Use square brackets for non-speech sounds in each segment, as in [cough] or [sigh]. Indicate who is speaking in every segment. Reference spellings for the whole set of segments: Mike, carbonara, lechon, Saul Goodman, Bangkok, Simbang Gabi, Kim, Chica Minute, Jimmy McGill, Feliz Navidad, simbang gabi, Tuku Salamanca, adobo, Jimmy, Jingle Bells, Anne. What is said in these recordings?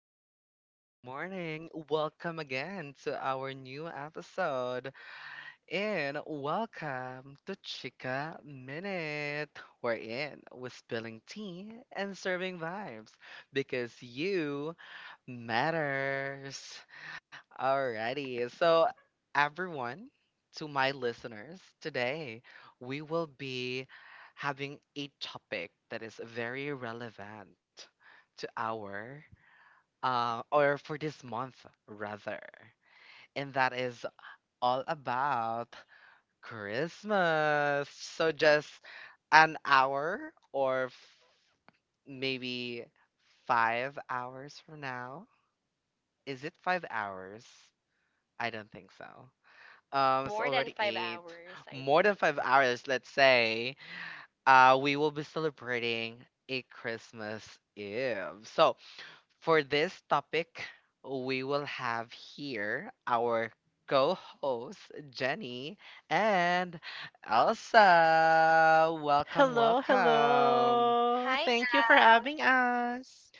Speaker 1: morning, good morning, good morning. Welcome again to our new episode. And welcome to Chica Minute. We're in with spilling tea and serving vibes because you matters. Alrighty. So, everyone, to my listeners, today we will be having a topic that is very relevant to our or for this month rather, and that is all about Christmas. So, just an hour or maybe 5 hours from now. Is it 5 hours? I don't think so. It's
Speaker 2: More than
Speaker 1: already
Speaker 2: five
Speaker 1: eight,
Speaker 2: hours, I
Speaker 1: more than
Speaker 2: think.
Speaker 1: 5 hours, let's say. We will be celebrating a Christmas Eve. So, for this topic, we will have here our co-host Jenny and Elsa. Welcome,
Speaker 3: Hello,
Speaker 1: welcome.
Speaker 3: hello.
Speaker 2: Hi,
Speaker 3: Thank you for
Speaker 2: Al.
Speaker 3: having us.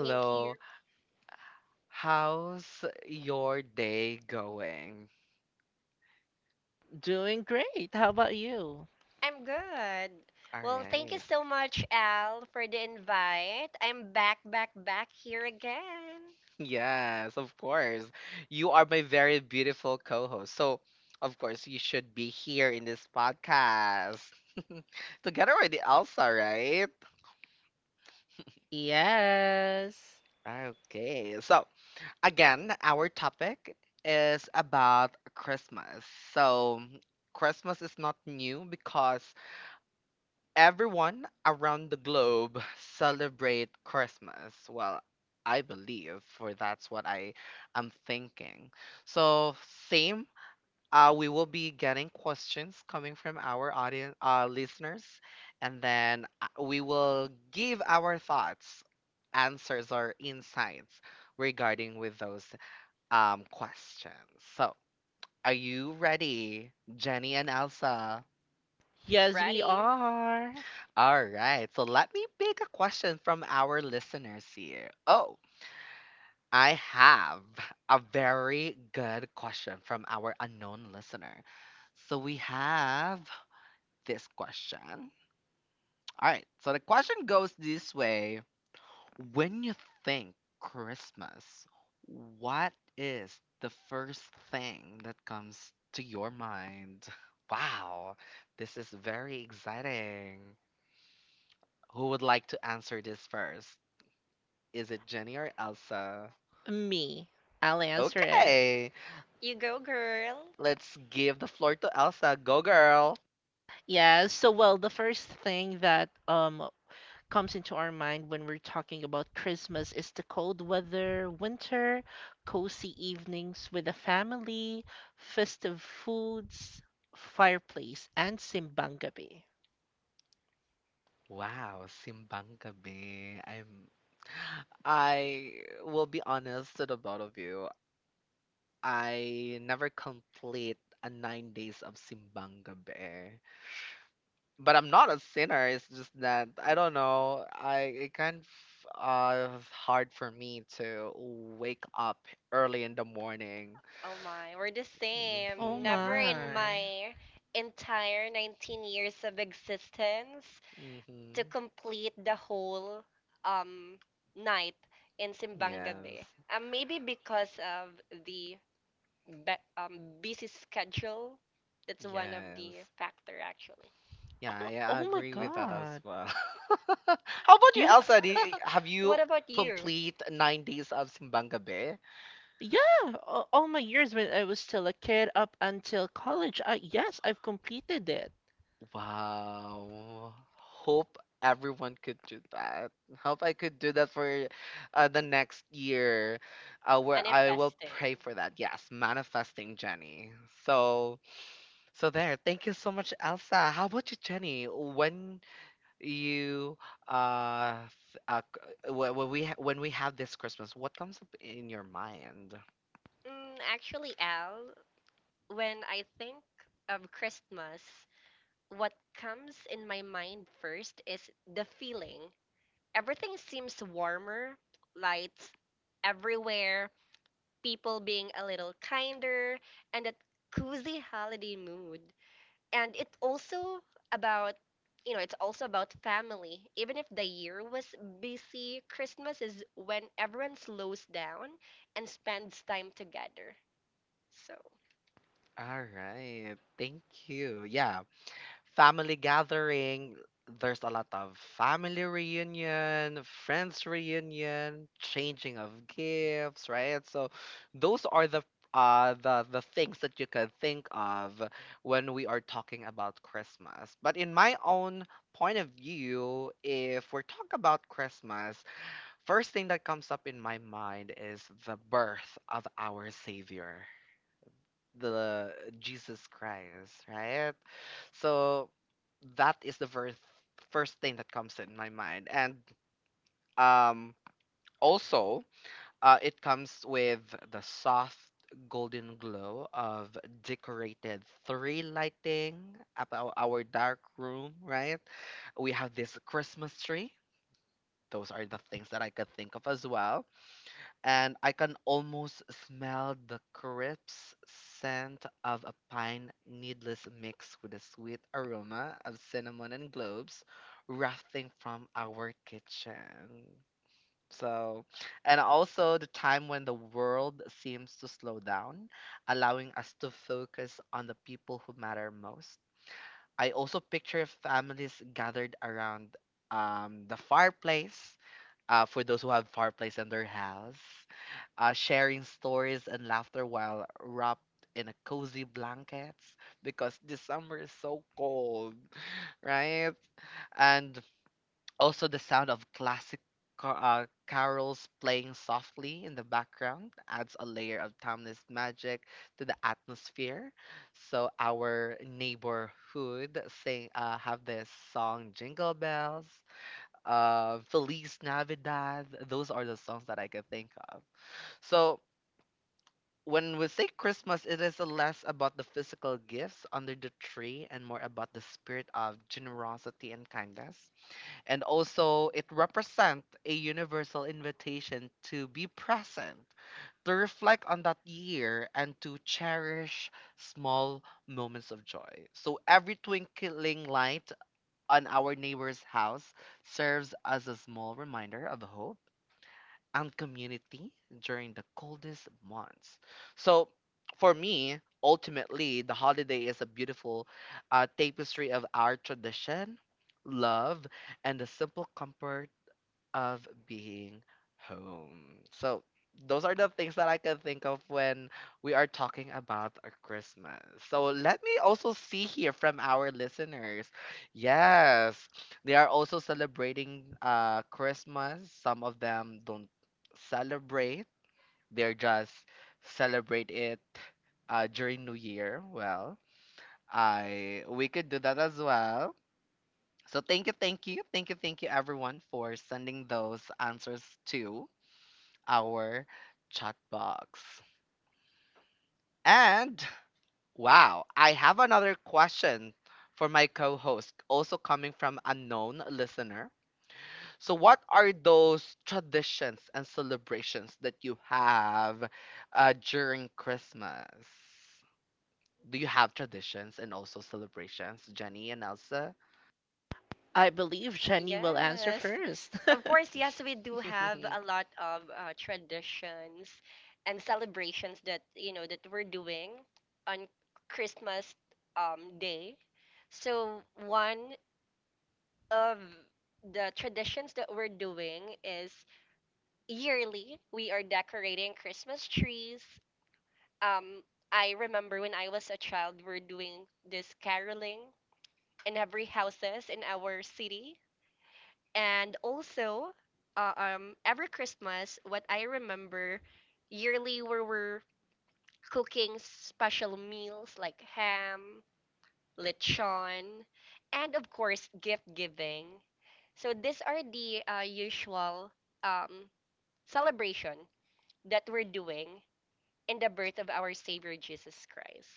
Speaker 2: Thank you.
Speaker 1: How's your day going?
Speaker 3: Doing great. How about you?
Speaker 2: I'm good.
Speaker 1: All
Speaker 2: Well, thank you
Speaker 1: right.
Speaker 2: so much, Al, for the invite. I'm back here again.
Speaker 1: Yes, of course. You are my very beautiful co-host. So, of course, you should be here in this podcast [laughs] together with Elsa, right?
Speaker 3: Yes.
Speaker 1: Okay. So, again, our topic is about Christmas. So, Christmas is not new because everyone around the globe celebrate Christmas. Well, I believe, for that's what I am thinking. So, same. We will be getting questions coming from our audience, listeners, and then we will give our thoughts, answers, or insights regarding with those questions. So, are you ready, Jenny and Elsa?
Speaker 3: Yes, we
Speaker 2: Ready?
Speaker 3: are.
Speaker 1: All right. So let me pick a question from our listeners here. Oh, I have a very good question from our unknown listener. So we have this question. All right, so the question goes this way. When you think Christmas, what is the first thing that comes to your mind? [laughs] Wow, this is very exciting. Who would like to answer this first? Is it Jenny or Elsa?
Speaker 3: Me. I'll answer it.
Speaker 1: Okay,
Speaker 2: You go, girl.
Speaker 1: let's give the floor to Elsa. Go, girl.
Speaker 3: Yes, so well, the first thing that comes into our mind when we're talking about Christmas is the cold weather, winter, cozy evenings with the family, festive foods, fireplace, and simbang gabi.
Speaker 1: Wow, simbang gabi. I will be honest to the both of you. I never complete a 9 days of simbang gabi. But I'm not a sinner. It's just that I don't know. I it kind of it's hard for me to wake up early in the morning.
Speaker 2: Oh my, we're the
Speaker 3: Oh
Speaker 2: same. Never in
Speaker 3: my.
Speaker 1: Mhm.
Speaker 2: my entire 19 years of existence to
Speaker 1: Mhm.
Speaker 2: complete the whole um night in Simbang
Speaker 1: Yes.
Speaker 2: Gabi. Maybe because of the busy schedule. That's one of the
Speaker 1: Yes.
Speaker 2: factor actually.
Speaker 1: Yeah,
Speaker 3: Oh,
Speaker 1: I
Speaker 3: oh my
Speaker 1: agree with that as
Speaker 3: god.
Speaker 1: well. [laughs] How about you,
Speaker 3: Yeah.
Speaker 1: Elsa? Have you
Speaker 2: What about you?
Speaker 1: complete 9 days of simbang gabi?
Speaker 3: Yeah, all my years when I was still a kid up until college, yes, I've completed it.
Speaker 1: Wow. Hope everyone could do that. Hope I could do that for the next year, where I will
Speaker 2: Manifesting.
Speaker 1: pray for that. Yes, manifesting Jenny. So, so there. Thank you so much, Elsa. How about you, Jenny? When you uh, when we have this Christmas, what comes up in your mind?
Speaker 2: Actually, Al, when I think of Christmas, what comes in my mind first is the feeling. Everything seems warmer, lights everywhere, people being a little kinder, and that cozy holiday mood. And it's also about it's also about family. Even if the year was busy, Christmas is when everyone slows down and spends time together. So
Speaker 1: All right. Thank you. Yeah. Family gathering, there's a lot of family reunion, friends reunion, changing of gifts, right? So those are the the things that you can think of when we are talking about Christmas. But in my own point of view, if we're talking about Christmas, first thing that comes up in my mind is the birth of our savior the Jesus Christ, right? So that is the first thing that comes in my mind, and um, also it comes with the soft golden glow of decorated three lighting up our dark room, right? We have this Christmas tree. Those are the things that I could think of as well, and I can almost smell the crisp scent of a pine needles mixed with the sweet aroma of cinnamon and cloves wafting from our kitchen. So, and also the time when the world seems to slow down, allowing us to focus on the people who matter most. I also picture families gathered around the fireplace, for those who have fireplace in their house, sharing stories and laughter while wrapped in a cozy blankets because the summer is so cold, right? And also the sound of classic carols playing softly in the background adds a layer of timeless magic to the atmosphere. So our neighborhood sing have this song Jingle Bells, Feliz Navidad. Those are the songs that I can think of. So when we say Christmas, it is less about the physical gifts under the tree and more about the spirit of generosity and kindness. And also, it represents a universal invitation to be present, to reflect on that year, and to cherish small moments of joy. So, every twinkling light on our neighbor's house serves as a small reminder of hope and community during the coldest months. So, for me, ultimately, the holiday is a beautiful tapestry of our tradition, love, and the simple comfort of being home. So those are the things that I can think of when we are talking about our Christmas. So let me also see here from our listeners. Yes, they are also celebrating Christmas. Some of them don't celebrate. They're just celebrate it during New Year. Well, I we could do that as well. So thank you, thank you, thank you, thank you, everyone, for sending those answers to our chat box. And wow, I have another question for my co host, also coming from a known listener. So, what are those traditions and celebrations that you have during Christmas? Do you have traditions and also celebrations, Jenny and Elsa?
Speaker 3: I believe Jenny will answer
Speaker 2: yes,
Speaker 3: first. [laughs]
Speaker 2: of course, yes, we do have a
Speaker 1: [laughs]
Speaker 2: lot of traditions and celebrations that that we're doing on Christmas day. So one of the traditions that we're doing is, yearly, we are decorating Christmas trees. Um, I remember when I was a child, we're doing this caroling in every houses in our city, and also, every Christmas, what I remember, yearly we were cooking special meals like ham, lechon, and of course gift giving. So these are the usual um celebration that we're doing, and the birth of our Savior Jesus Christ.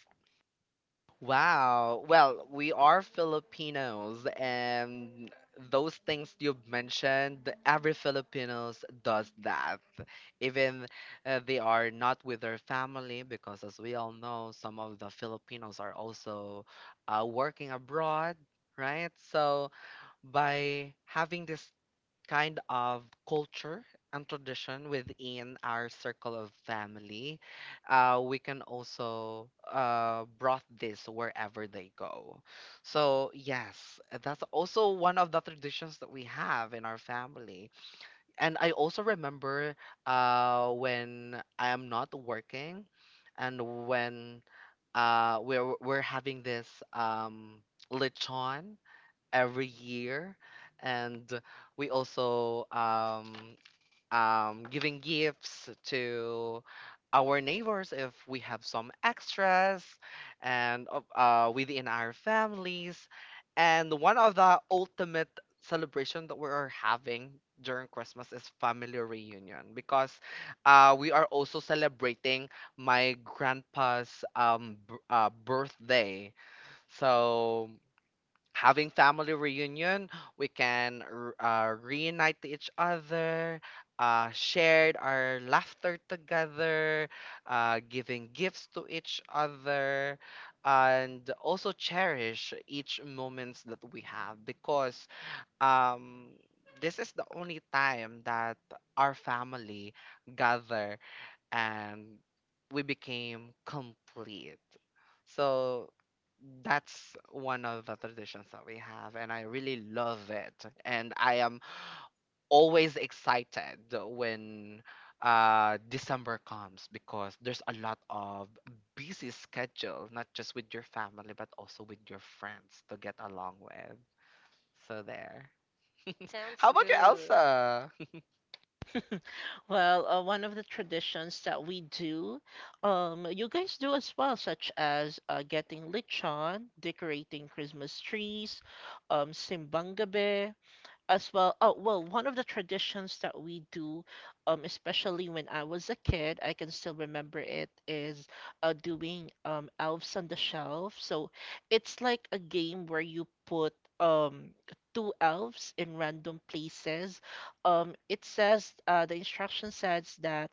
Speaker 1: Wow. Well, we are Filipinos, and those things you've mentioned, every Filipinos does that. Even they are not with their family, because as we all know, some of the Filipinos are also working abroad, right? So by having this kind of culture and tradition within our circle of family, we can also brought this wherever they go. So yes, that's also one of the traditions that we have in our family. And I also remember when I am not working, and when we're having this um, lechon every year, and we also giving gifts to our neighbors if we have some extras and within our families, and one of the ultimate celebration that we are having during christmas is family reunion because we are also celebrating my grandpa's birthday. So having family reunion, we can reunite to each other, shared our laughter together, giving gifts to each other, and also cherish each moments that we have because um, this is the only time that our family gather and we became complete. So that's one of the traditions that we have, and I really love it. And I am always excited when December comes because there's a lot of busy schedule, not just with your family, but also with your friends to get along with. So there.
Speaker 2: Sounds
Speaker 1: How about you,
Speaker 2: good.
Speaker 1: Elsa?
Speaker 3: Well, one of the traditions that we do, you guys do as well, such as getting lechon, decorating Christmas trees, simbang gabi, as well. Oh well one of the traditions that we do, especially when I was a kid, I can still remember it is doing elves on the shelf. So it's like a game where you put um two elves in random places. It says, the instruction says that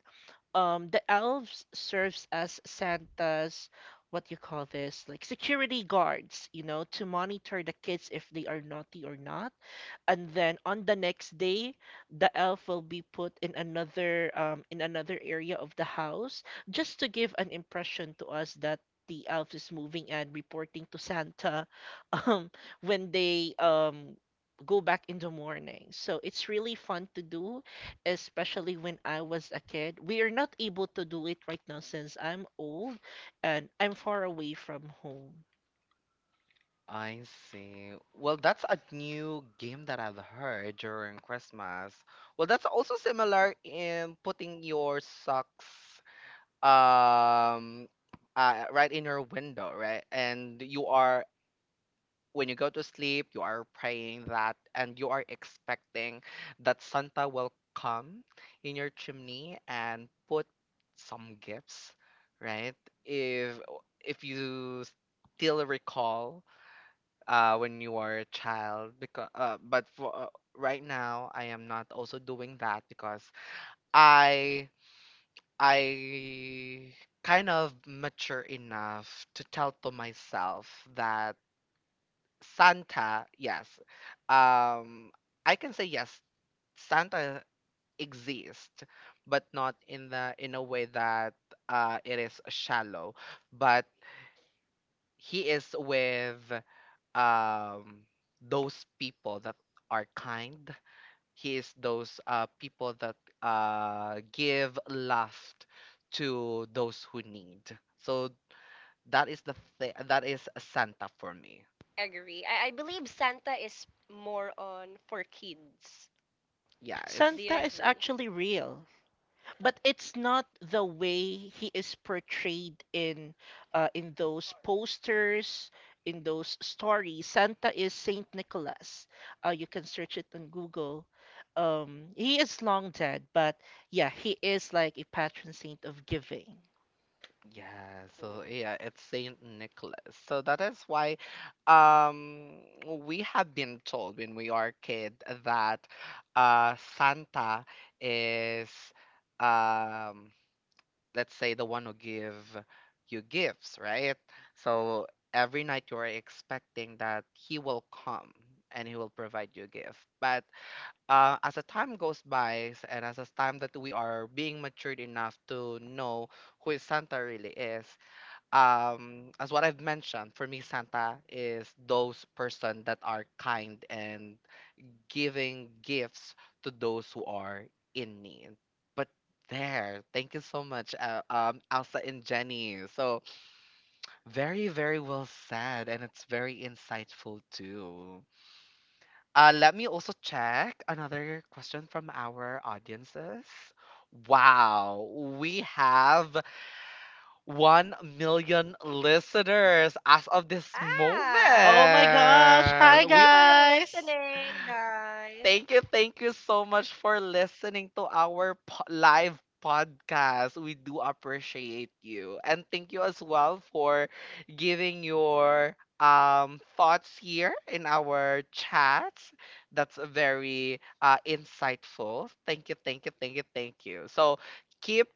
Speaker 3: the elves serves as Santa's, what you call this, like security guards, you know, to monitor the kids if they are naughty or not. And then on the next day, the elf will be put in another, in another area of the house, just to give an impression to us that the elf is moving and reporting to Santa [laughs] um when they go back in the morning. So it's really fun to do, especially when I was a kid. We are not able to do it right now since I'm old and I'm far away from home.
Speaker 1: I see. Well, that's a new game that I've heard during Christmas. Well, that's also similar in putting your socks um right in your window, right? And you are when you go to sleep, you are praying that and you are expecting that Santa will come in your chimney and put some gifts, right? If if you still recall when you are a child, because but for right now I am not also doing that because I I kind of mature enough to tell to myself that Santa, yes, um I can say yes, Santa exists, but not in the in a way that it is shallow, but he is with um those people that are kind. He is those people that give love to those who need. So that is the thing that is santa for me.
Speaker 2: Agree. I believe Santa is more on for kids.
Speaker 1: yeah
Speaker 2: Do
Speaker 1: it's
Speaker 2: you
Speaker 3: Santa is
Speaker 2: agree?
Speaker 3: actually real. But it's not the way he is portrayed in, in those posters, in those stories. Santa is Saint Nicholas. You can search it on Google. He is long dead, but yeah, he is like a patron saint of giving.
Speaker 1: yeah, so
Speaker 2: Oh.
Speaker 1: yeah, it's saint nicholas. So that is why um we have been told when we are kid that santa is, um let's say, the one who give you gifts, right? So every night you are expecting that he will come and he will provide you a gift. But as the time goes by and as the time that we are being matured enough to know who is Santa really is, as what I've mentioned, for me Santa is those person that are kind and giving gifts to those who are in need. But there, thank you so much, Elsa and Jenny. So very, very well said, and it's very insightful too. Let me also check another question from our audiences. Wow, we have 1 million listeners as of this moment.
Speaker 2: Ow!
Speaker 3: Oh my gosh. Hi,
Speaker 2: Thank you
Speaker 1: We
Speaker 2: for
Speaker 3: guys.
Speaker 2: listening, guys.
Speaker 1: thank you, thank you so much for listening to our live podcast. We do appreciate you. And thank you as well for giving your thoughts here in our chats. That's very insightful. Thank you, thank you, thank you, thank you. So keep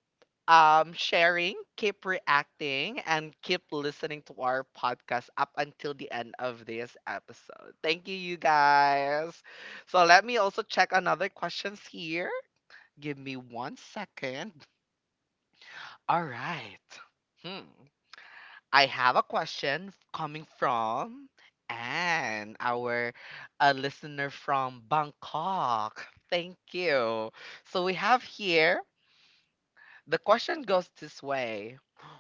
Speaker 1: sharing, keep reacting, and keep listening to our podcast up until the end of this episode. Thank you, you guys. So let me also check another questions here. Give me one second. All right. Hmm. I have a question coming from Anne, our a listener from Bangkok. Thank you. So we have here the question goes this way.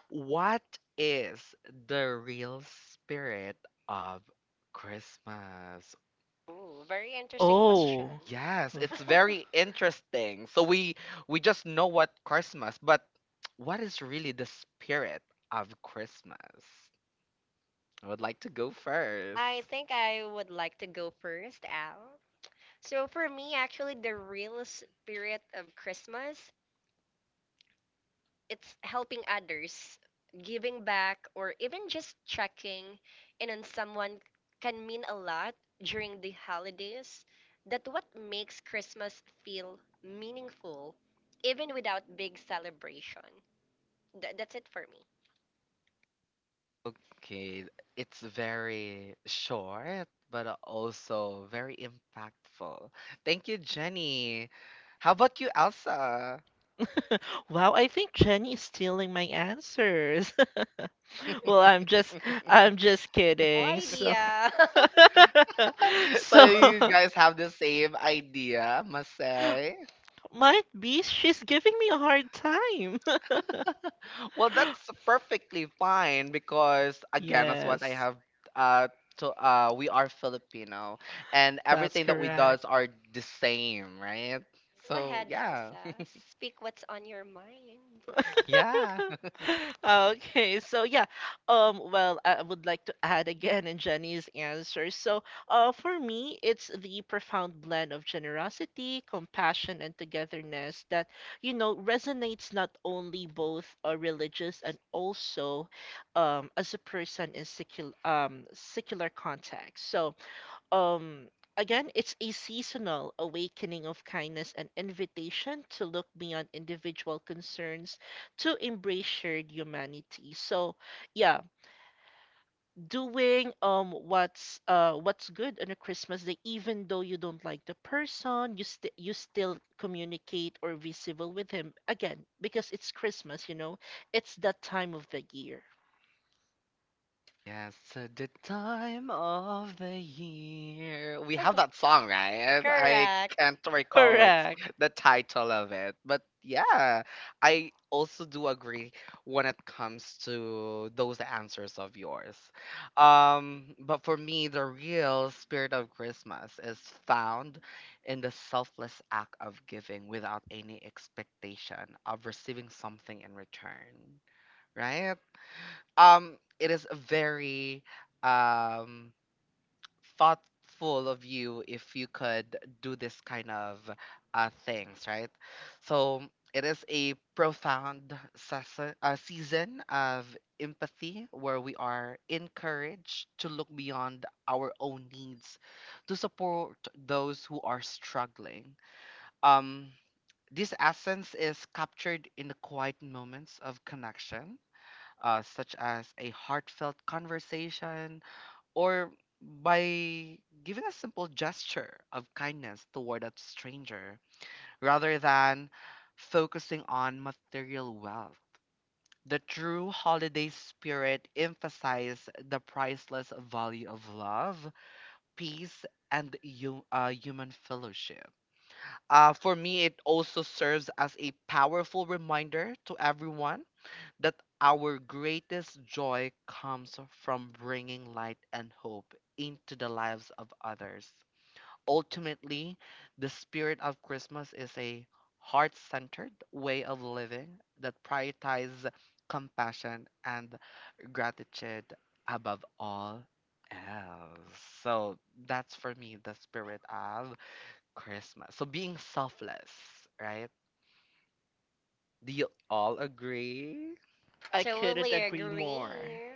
Speaker 1: What is the real spirit of Christmas?
Speaker 2: Ooh, very interesting question.
Speaker 3: Oh.
Speaker 1: Yes, it's very interesting. So we just know what Christmas, but [tsk] what is really the spirit of Christmas? I would like to go first.
Speaker 2: I think I would like to go first, Al. So for me, actually, the real spirit of Christmas, it's helping others, giving back, or even just checking in on someone, can mean a lot during the holidays. That what makes Christmas feel meaningful, even without big celebration. That's it for me.
Speaker 1: Okay, it's very short, but also very impactful. Thank you, Jenny. How about you, Elsa?
Speaker 3: [laughs] Wow, I think Jenny is stealing my answers. [laughs] Well, I'm just, I'm just
Speaker 2: Oh,
Speaker 3: kidding. So
Speaker 2: idea. [laughs] Go
Speaker 3: [laughs]
Speaker 1: [laughs]
Speaker 3: so
Speaker 1: So you
Speaker 3: [laughs]
Speaker 1: guys have the same idea, must say.
Speaker 3: might be she's giving me a hard time. [laughs]
Speaker 1: Well, that's perfectly fine because again, that's what I
Speaker 3: Yes.
Speaker 1: have uh to we are Filipino and
Speaker 3: That's
Speaker 1: everything that we
Speaker 3: correct.
Speaker 1: does are the same, right? So
Speaker 2: ahead,
Speaker 1: yeah.
Speaker 2: Elsa.
Speaker 1: [laughs]
Speaker 2: Speak what's on your mind.
Speaker 1: Yeah.
Speaker 3: [laughs] Okay, so yeah, well, I would like to add again in Jenny's answer. So, for me, it's the profound blend of generosity, compassion, and togetherness that, you know, resonates not only both religious and also, as a person in secular, secular context. So, um, again, it's a seasonal awakening of kindness and invitation to look beyond individual concerns to embrace shared humanity. So, yeah, doing what's good on a Christmas day, even though you don't like the person, you still communicate or be civil with him again because it's Christmas, you know, it's that time of the year.
Speaker 1: Yes, at the time of the year. We have that
Speaker 2: [laughs]
Speaker 1: song, right? I
Speaker 2: Correct.
Speaker 1: can't recall what's
Speaker 3: Correct.
Speaker 1: the title of it. But yeah, I also do agree when it comes to those answers of yours. But for me, the real spirit of Christmas is found in the selfless act of giving without any expectation of receiving something in return, right? It is very um thoughtful of you if you could do this kind of things right. So it is a profound season of empathy where we are encouraged to look beyond our own needs to support those who are struggling. um this essence is captured in the quiet moments of connection, such as a heartfelt conversation or by giving a simple gesture of kindness toward a stranger rather than focusing on material wealth. The true holiday spirit emphasizes the priceless value of love, peace, and human fellowship. For me, it also serves as a powerful reminder to everyone that our greatest joy comes from bringing light and hope into the lives of others. Ultimately, the spirit of Christmas is a heart centered way of living that prioritizes compassion and gratitude above all else. So, that's for me the spirit of Christmas. So, being selfless, right? Do you all agree?
Speaker 3: I couldn't
Speaker 2: Totally
Speaker 3: agree more.
Speaker 2: agree.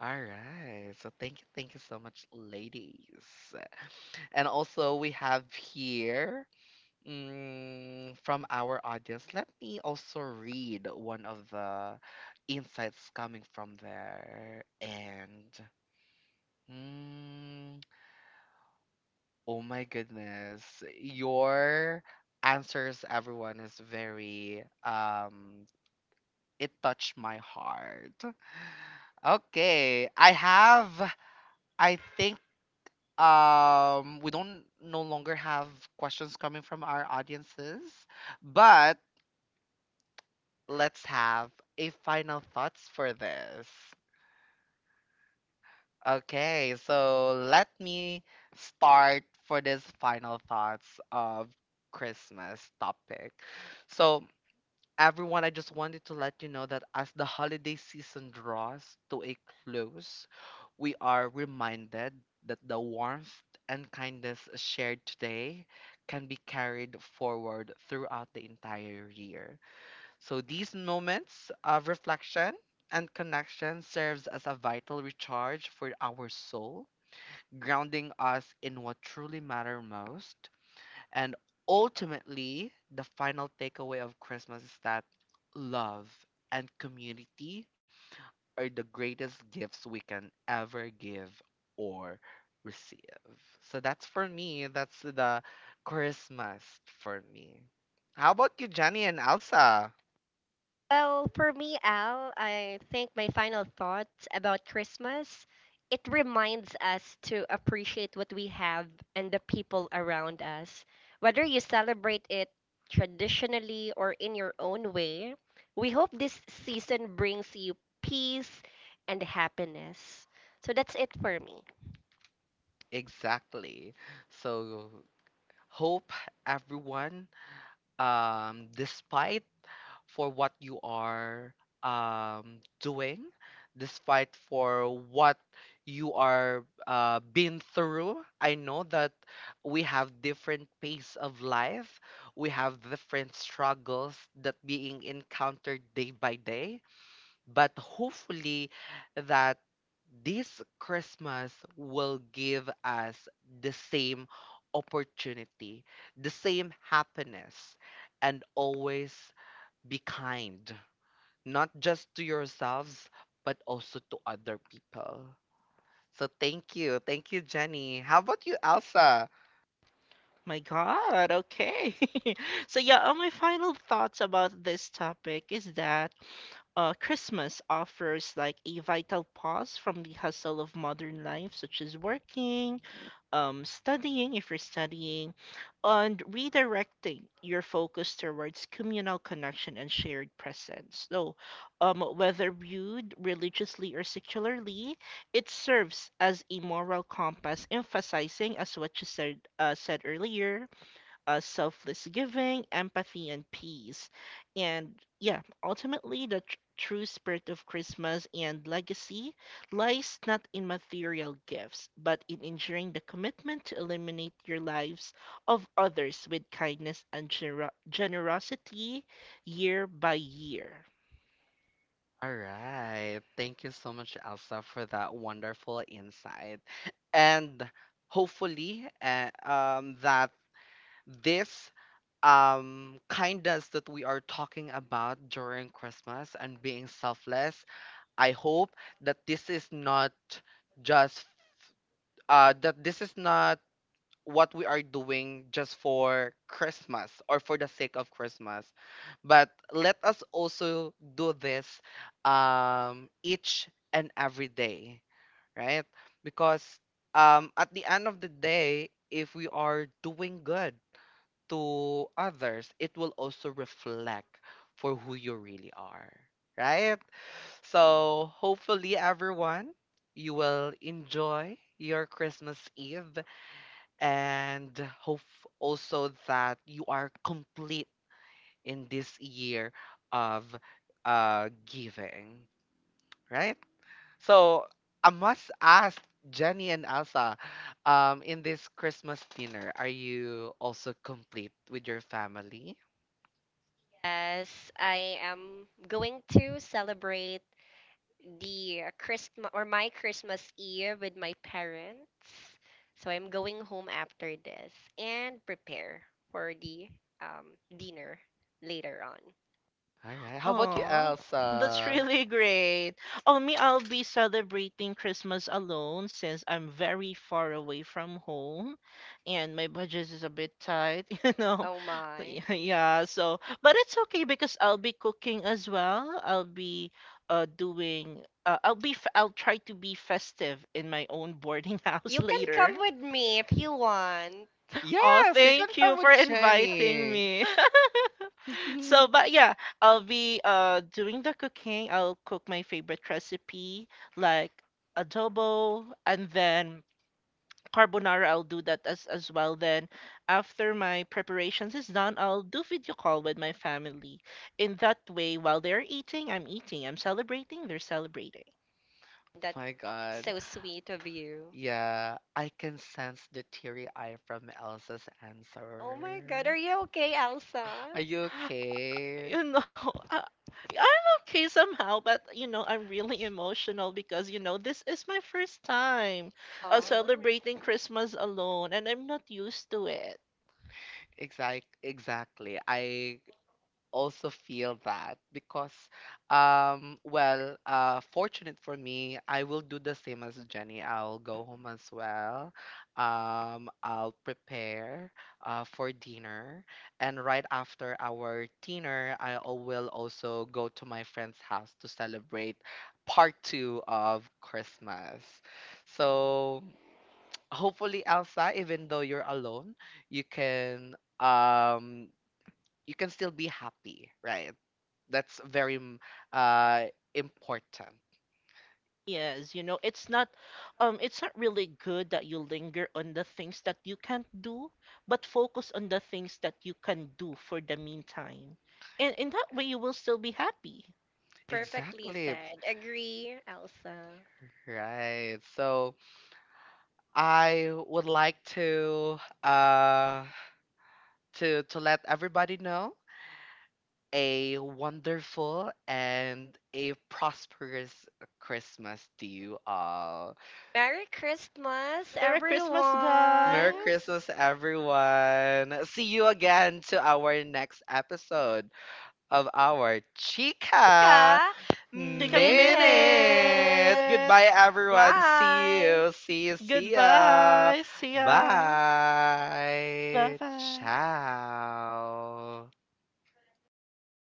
Speaker 1: All right. So thank you so much, ladies. And also we have here from our audience. Let me also read one of the insights coming from there. And mm, oh my goodness, your answers, everyone, is very It touched my heart. Okay, I have. I think we don't no longer have questions coming from our audiences, but let's have a final thoughts for this. Okay, so let me start for this final thoughts of Christmas topic. So everyone, I just wanted to let you know that as the holiday season draws to a close, we are reminded that the warmth and kindness shared today can be carried forward throughout the entire year. So these moments of reflection and connection serves as a vital recharge for our soul, grounding us in what truly matters most, and ultimately, the final takeaway of Christmas is that love and community are the greatest gifts we can ever give or receive. So that's for me. That's the Christmas for me. How about you, Jenny and Elsa?
Speaker 2: Well, for me, Al, I think my final thoughts about Christmas, it reminds us to appreciate what we have and the people around us. Whether you celebrate it traditionally or in your own way, we hope this season brings you peace and happiness. So that's it for me.
Speaker 1: Exactly. So hope everyone, despite for what you are doing, despite for what you are been through. I know that we have different pace of life. We have different struggles that being encountered day by day. But hopefully that this Christmas will give us the same opportunity, the same happiness, and always be kind, not just to yourselves, but also to other people. So thank you. Thank you, Jenny. How about you, Elsa?
Speaker 3: My God, okay. [laughs] So yeah, my final thoughts about this topic is that Christmas offers like a vital pause from the hustle of modern life, such as working, studying if you're studying, and redirecting your focus towards communal connection and shared presence. So, whether viewed religiously or secularly, it serves as a moral compass, emphasizing, as what you said, said earlier, selfless giving, empathy, and peace. And yeah, ultimately, the true spirit of Christmas and legacy lies not in material gifts, but in ensuring the commitment to illuminate your lives of others with kindness and generosity year by year.
Speaker 1: All right. Thank you so much, Elsa, for that wonderful insight. And hopefully, that this kindness that we are talking about during Christmas and being selfless, I hope that this is not just that this is not what we are doing just for Christmas or for the sake of Christmas. But let us also do this, each and every day, right? Because at the end of the day, if we are doing good to others, it will also reflect for who you really are, right? So hopefully, everyone, you will enjoy your Christmas Eve and hope also that you are complete in this year of giving, right? So I must ask Jenny and Elsa, in this Christmas dinner, are you also complete with your family?
Speaker 2: As I am going to celebrate the Christmas or my Christmas Eve with my parents. So I'm going home after this and prepare for the dinner later on.
Speaker 1: All right. How about you,
Speaker 3: Aw, that's
Speaker 1: Elsa?
Speaker 3: really great. Oh, me, I'll be celebrating Christmas alone since I'm very far away from home and my budget is a bit tight, [laughs] you know.
Speaker 2: Oh my.
Speaker 3: Yeah, yeah, so, but it's okay because I'll be cooking as well. I'll be doing, I'll be I'll try to be festive in my own boarding [laughs] house
Speaker 2: You can
Speaker 3: later.
Speaker 2: come with me if you want.
Speaker 3: Oh,
Speaker 1: Yes, you can
Speaker 3: thank you
Speaker 1: come
Speaker 3: for
Speaker 1: with
Speaker 3: inviting
Speaker 1: Jenny.
Speaker 3: me. [laughs]
Speaker 2: [laughs]
Speaker 3: So,
Speaker 1: [laughs]
Speaker 3: but yeah, I'll be doing the cooking. I'll cook my favorite recipe like adobo and then carbonara. I'll do that as well. Then after my preparations is done, I'll do video call with my family. In that way, while they're eating. I'm celebrating, they're celebrating.
Speaker 2: That's
Speaker 1: My God.
Speaker 2: so sweet of you.
Speaker 1: Yeah, I can sense the teary eye from Elsa's
Speaker 2: Oh my god, are
Speaker 1: answer.
Speaker 2: you okay, Elsa?
Speaker 1: Are you okay?
Speaker 3: You know, [laughs] I, I'm okay somehow, but you know, I'm really emotional because you know, this is my first time
Speaker 2: Aw,
Speaker 3: celebrating Christmas alone and I'm not used to it.
Speaker 1: Exactly. I also feel that because well fortunate for me, I will do the same as Jenny. I'll go home as well. I'll prepare for dinner, and right after our dinner, will also go to my friend's house to celebrate part 2 of Christmas. So hopefully Elsa, even though you're alone, you can um you can still be happy, right? That's very uh important. [laughs]
Speaker 3: Yes, you know, it's not, it's not really good that you linger on the things that you can't do, but focus on the things that you can do for the meantime. And in that way you will still be happy.
Speaker 2: perfectly
Speaker 1: Exactly.
Speaker 2: said. Agree, Elsa.
Speaker 1: Right. So I would like to uh to let everybody know a wonderful and a prosperous Christmas to you all.
Speaker 2: Merry Christmas,
Speaker 3: Merry Christmas,
Speaker 1: Merry
Speaker 2: everyone!
Speaker 3: guys.
Speaker 1: Christmas everyone. See you again to our next episode of our Chica
Speaker 2: Ka
Speaker 3: Take a
Speaker 1: minute.
Speaker 2: Minute.
Speaker 3: minute.
Speaker 1: Goodbye, everyone. See
Speaker 2: Bye.
Speaker 1: you. See you. See ya.
Speaker 3: Goodbye. See ya. Bye
Speaker 1: Bye.
Speaker 3: bye.
Speaker 1: Ciao.